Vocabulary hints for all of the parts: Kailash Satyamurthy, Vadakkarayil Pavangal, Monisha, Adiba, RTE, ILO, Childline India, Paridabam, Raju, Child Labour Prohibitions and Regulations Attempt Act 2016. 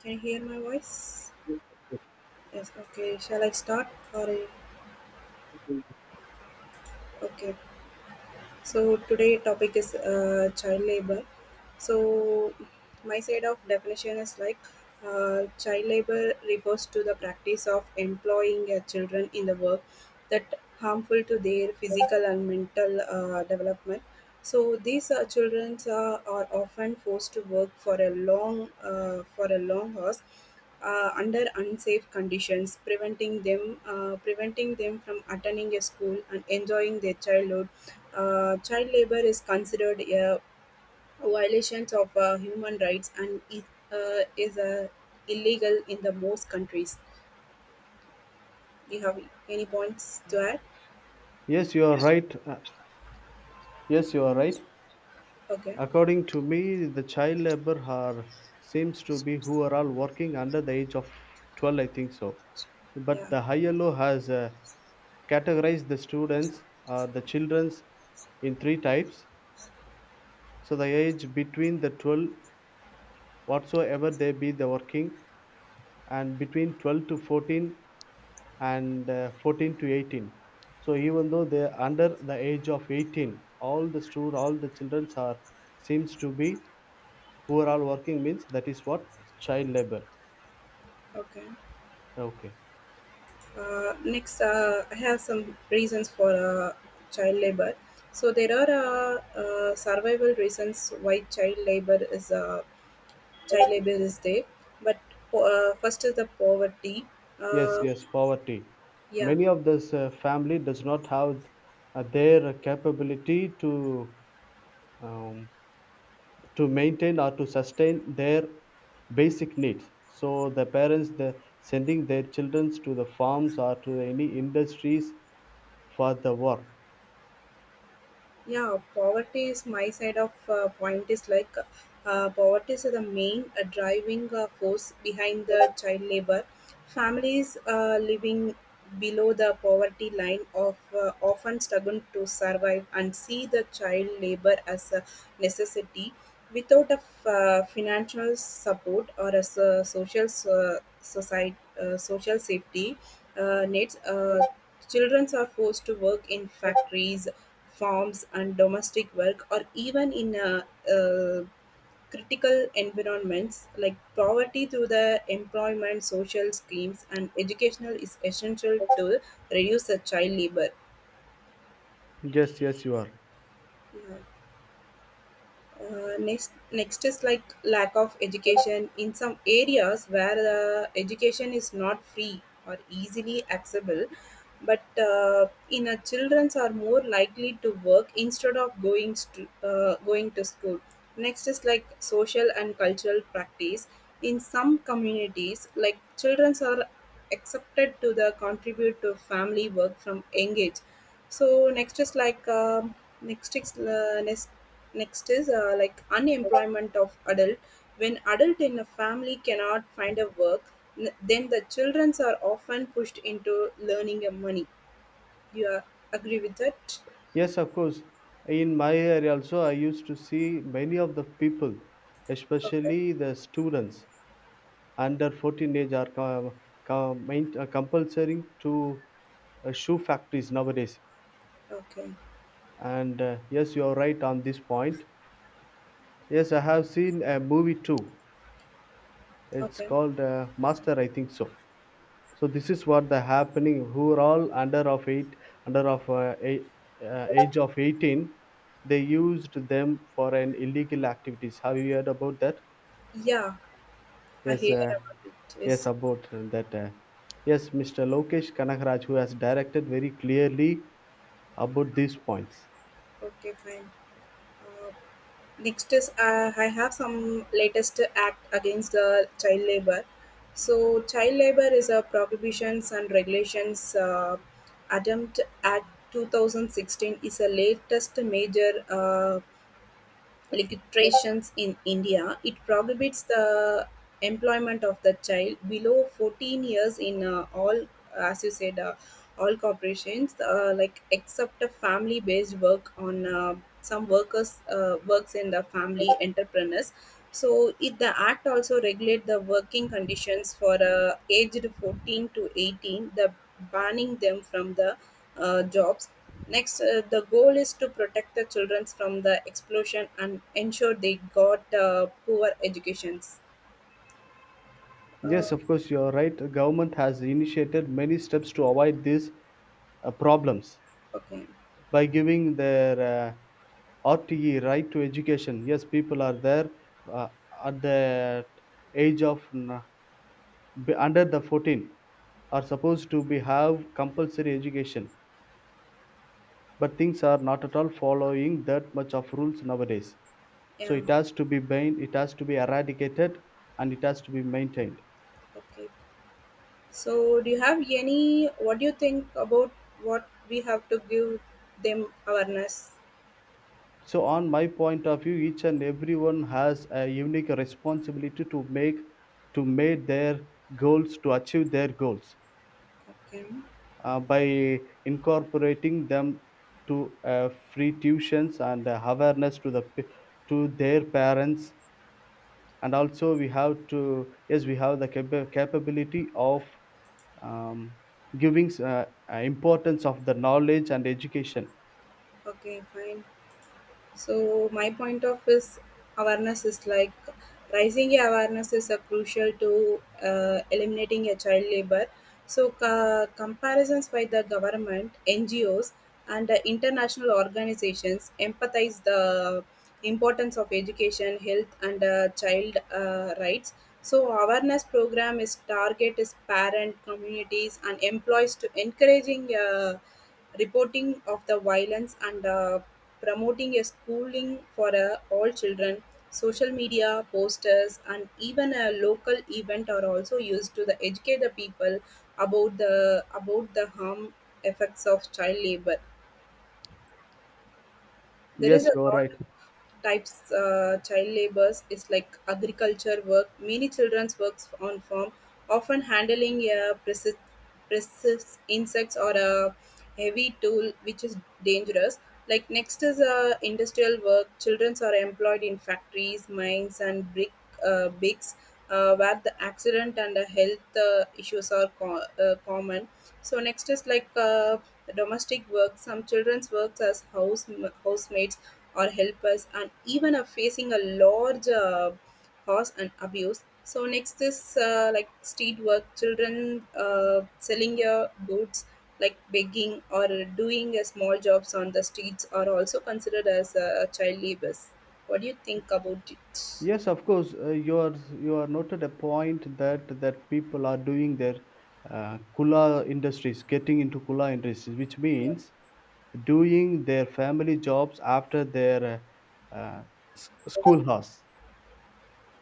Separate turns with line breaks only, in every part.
Can you hear my voice? Yes, okay. Shall I start? Or okay. So today topic is child labor. So, my side of definition is like child labor refers to the practice of employing children in the work that harmful to their physical and mental development. So these children are often forced to work for a long hours under unsafe conditions, preventing them from attending a school and enjoying their childhood. Child labor is considered a violations of human rights and is illegal in the most countries. Do you have any points to add?
Yes, you are right. Yes, you are right.
Okay,
According to me, the child labor are seems to be who are all working under the age of 12, I think so. But
yeah,
the ILO has categorized the students, the children's, in three types. So the age between the 12, whatsoever they be the working, and between 12 to 14, and 14 to 18, so even though they're under the age of 18, all the student all the children are seems to be who are all working means that is what child labor.
okay.
Okay.
Next, I have some reasons for child labor. So there are survival reasons why child labor is there, but first is the poverty.
Yes,
Uh,
yes, poverty.
yeah,
Many of this family does not have their capability um, to maintain or to sustain their basic needs, so the parents they sending their children to the farms or to any industries for the work.
Yeah, poverty is my side of point is like poverty is the main driving force behind the child labor. Families living below the poverty line of often struggle to survive and see the child labor as a necessity without a financial support or a social society social safety nets. Children are forced to work in factories, farms and domestic work, or even in uh, critical environments like poverty through the employment, social schemes, and educational is essential to reduce the child labor.
Yes, yes, you are.
Yeah. Next is like lack of education in some areas where the education is not free or easily accessible, but in a childrens are more likely to work instead of going to school. Next is like social and cultural practice in some communities, like childrens are accepted to the contribute to family work from young age. So next is uh, next next is like unemployment of adult. When adult in a family cannot find a work, then the children are often pushed into learning a money. You are, agree with that?
Yes, of course. In my area also, I used to see many of the people,
Okay,
especially the students under 14 age, are compulsory to shoe factories nowadays.
okay,
And yes, you are right on this point. Yes, I have seen a movie too. It's
okay.
called Master, I think so. So this is what the happening who are all under of age of 18, they used them for an illegal activities. Have you heard about that?
Yeah, I
yes
hear
uh,
about it.
yes
Yes.
about that, yes Mr. Lokesh Kanagraj, who has directed very clearly about these points.
Okay, fine. Uh, Next is I have some latest act against the child labor. So child labor is a prohibitions and regulations attempt act 2016 is the latest major legislations in India. It prohibits the employment of the child below 14 years in all, as you said, all corporations, like except a family-based work on some workers works in the family entrepreneurs. So it, the act also regulate the working conditions for aged 14 to 18, the banning them from the jobs. Next the goal is to protect the children from the explosion and ensure they got poor educations. uh,
Yes, of course, you are right. The government has initiated many steps to avoid these problems
okay,
by giving their RTE, right to education. Yes, people are there uh, at the age of under the 14 are supposed to be have compulsory education, but things are not at all following that much of rules nowadays. So
yeah,
it has to be main, it has to be eradicated, and it has to be maintained.
okay. So do you have any, what do you think about what we have to give them awareness?
So, on my point of view, each and everyone has a unique responsibility to make their goals, to achieve their goals.
Okay.
By incorporating them to free tuitions and awareness to to their parents. And also we have to, yes, we have the capability of um, giving importance of the knowledge and education.
Okay, fine. So my point of is awareness is like raising awareness is a crucial to eliminating a child labor. So comparisons by the government, NGOs, and international organizations empathize the importance of education, health, and child rights. So awareness program is target is parent communities and employees to encouraging. Reporting of the violence and promoting a schooling for all children. Social media, posters, and even a local event are also used to the educate the people about the harm effects of child labor. There is
Yes,
a
you are
lot
right.
of types. Child labors is like agriculture work. Many children's works on farm, often handling a precise insects or a heavy tool, which is dangerous. Like next is industrial work. Childrens are employed in factories, mines, and brick bakes, where the accident and the health issues are common. So next is like domestic work. Some children's works as housemates or helpers, and even are facing a large horse and abuse. So next is like street work. Children selling your goods, like begging or doing a small jobs on the streets, are also considered as child labors. What do you think about it?
Yes, of course. You are noted a point that people are doing their kula industries, getting into kula industries, which
Yeah,
means doing their family jobs after their uh, uh, schoolhouse.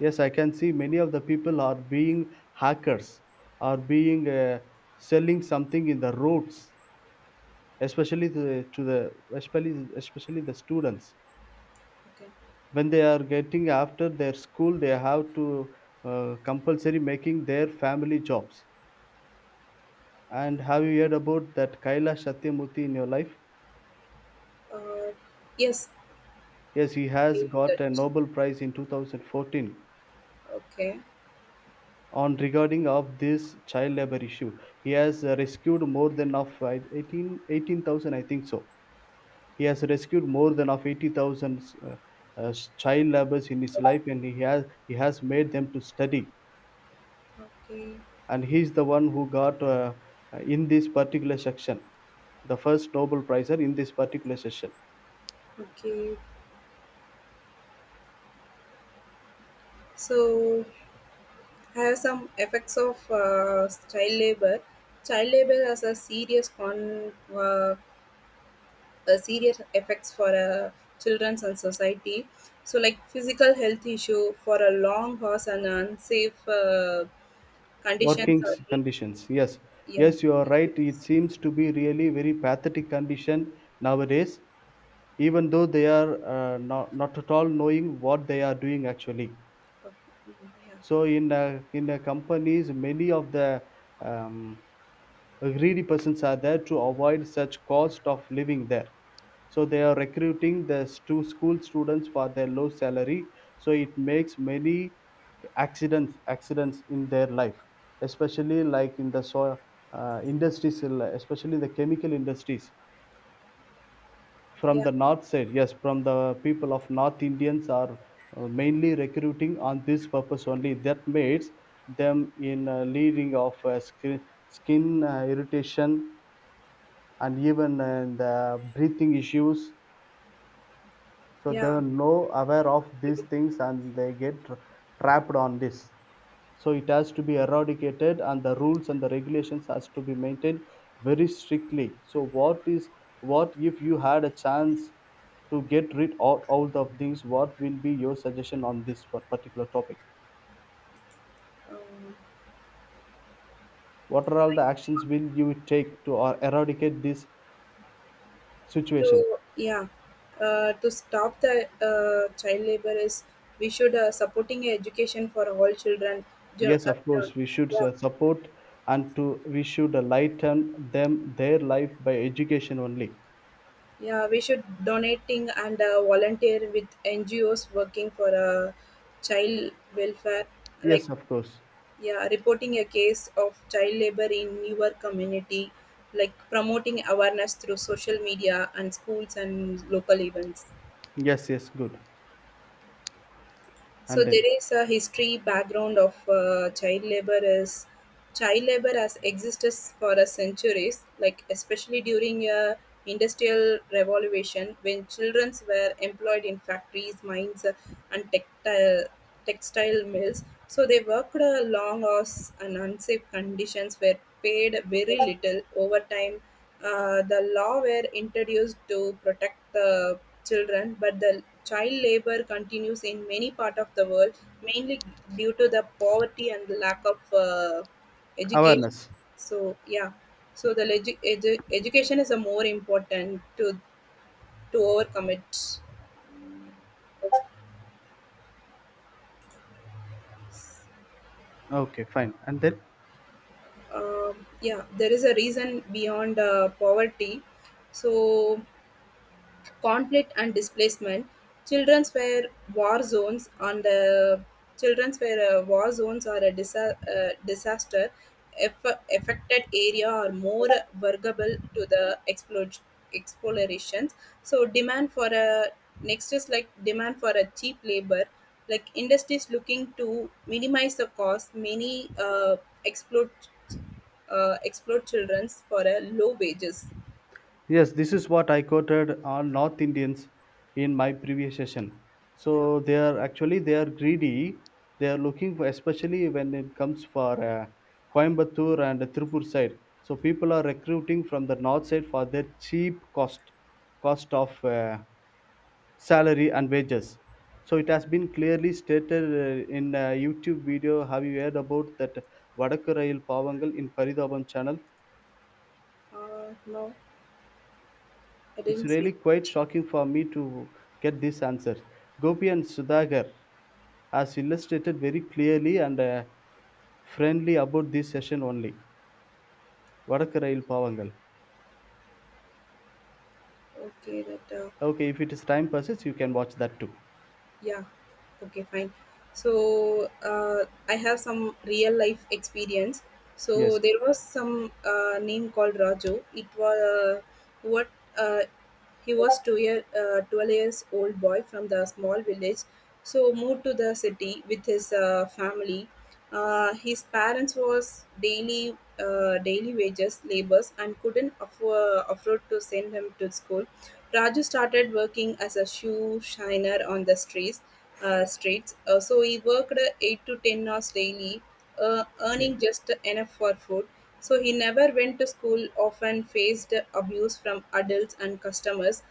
Yes, I can see many of the people are being hackers, are being selling something in the roads, especially the students.
okay.
When they are getting after their school, they have to compulsory making their family jobs. And have you heard about that Kailash Satyamurthy in your life?
Uh, yes.
Yes, he
I
has
hate
got a
that.
Nobel Prize in 2014
Okay.
on regarding of this child labor issue. He has rescued more than of 18 18,000, I think so. He has rescued more than of 80,000 uh, uh, child laborers in his life. And he has made them to study.
Okay.
And he's the one who got in this particular section the first Nobel Prizer in this particular session.
Okay. So, I have some effects of child labor. Child labor has a serious effects for children and society. So, like physical health issue for a long hours and unsafe conditions
Working
are lead
conditions. Yes,
to yeah.
yes, you are right. It seems to be really very pathetic condition nowadays, even though they are not at all knowing what they are doing actually.
Okay,
So in the companies, many of the um, greedy persons are there to avoid such cost of living there, so they are recruiting the school students for their low salary. So it makes many accidents in their life, especially like in the soil industries, especially the chemical industries from
yeah,
the north side. Yes, from the people of north Indians are mainly recruiting on this purpose only, that makes them in leading of skin irritation and even the breathing issues. So
yeah,
they
yeah.
are no aware of these things and they get trapped on this. So it has to be eradicated and the rules and the regulations has to be maintained very strictly. So what is, what if you had a chance to get rid of all the things, what will be your suggestion on this one particular topic?
Um,
What are all the actions will you take to eradicate this situation?
to yeah to stop the child labor is we should supporting education for all children. Jo-
Yes,
uh,
of
uh,
course, we should
yeah,
support. And to, we should lighten them their life by education only.
yeah, we should donating and volunteer with NGOs working for child welfare. Like,
Yes, of course.
yeah, reporting a case of child labor in your community, like promoting awareness through social media and schools and local events.
Yes, yes, good.
So
And
there
then
is a history background of child labor as child labor has existed for a centuries, like especially during a industrial revolution when children were employed in factories, mines, and textile mills. So they worked long hours and unsafe conditions, were paid very little over time. The law were introduced to protect the children, but the child labor continues in many part of the world, mainly due to the poverty and the lack of education.
awareness.
So yeah, so the education is a more important to overcome it.
Okay, fine. And then
Yeah, there is a reason beyond poverty. So conflict and displacement, children's were war zones on the children's were war zones are a disaster affected area are more vulnerable to the explorations. So demand for a cheap labor, like industries looking to minimize the cost, many explode explore children's for a low wages.
yes, this is what I quoted on North Indians in my previous session.
Yeah.
So they are actually they are greedy. They are looking for, especially when it comes for Coimbatore and Tirupur side. So people are recruiting from the north side for their cheap cost of. Salary and wages. So it has been clearly stated in a YouTube video. Have you heard about that Vadakkarayil Pavangal in Paridabam channel?
No, I
It's
didn't see.
really quite shocking for me to get this answer. Gopi and Sudhagar has illustrated very clearly and friendly about this session only, Vadakkarayil Pavangal.
Okay, that
Okay, if it is time passes, you can watch that too.
yeah, okay, fine. So I have some real life experience. So
Yes,
there was some name called Raju. It was what uh, he was two year 12 years old boy from the small village. So moved to the city with his family. His parents was daily wages labors and couldn't afford to send him to school. Raju started working as a shoe shiner on the streets. So he worked 8 to 10 hours daily, earning
okay.
just enough for food. So he never went to school, often faced abuse from adults and customers.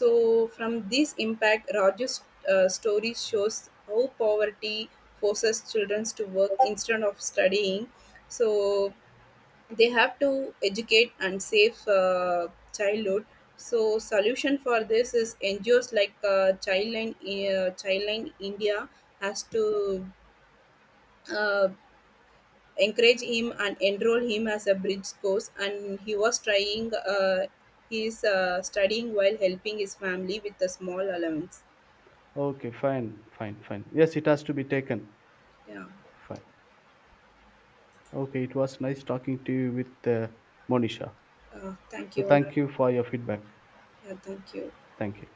So from this impact, Raju's story shows how poverty forces children to work instead of studying. So they have to educate and save childhood. So solution for this is NGOs like childline india has to uh, encourage him and enroll him as a bridge course, and he was trying he is studying while helping his family with a small allowance.
Okay, fine. Fine, fine, yes, it has to be taken.
Yeah.
Fine. Okay, it was nice talking to you with Monisha.
Thank
So
you.
thank you for your feedback.
Yeah, thank you.
Thank you.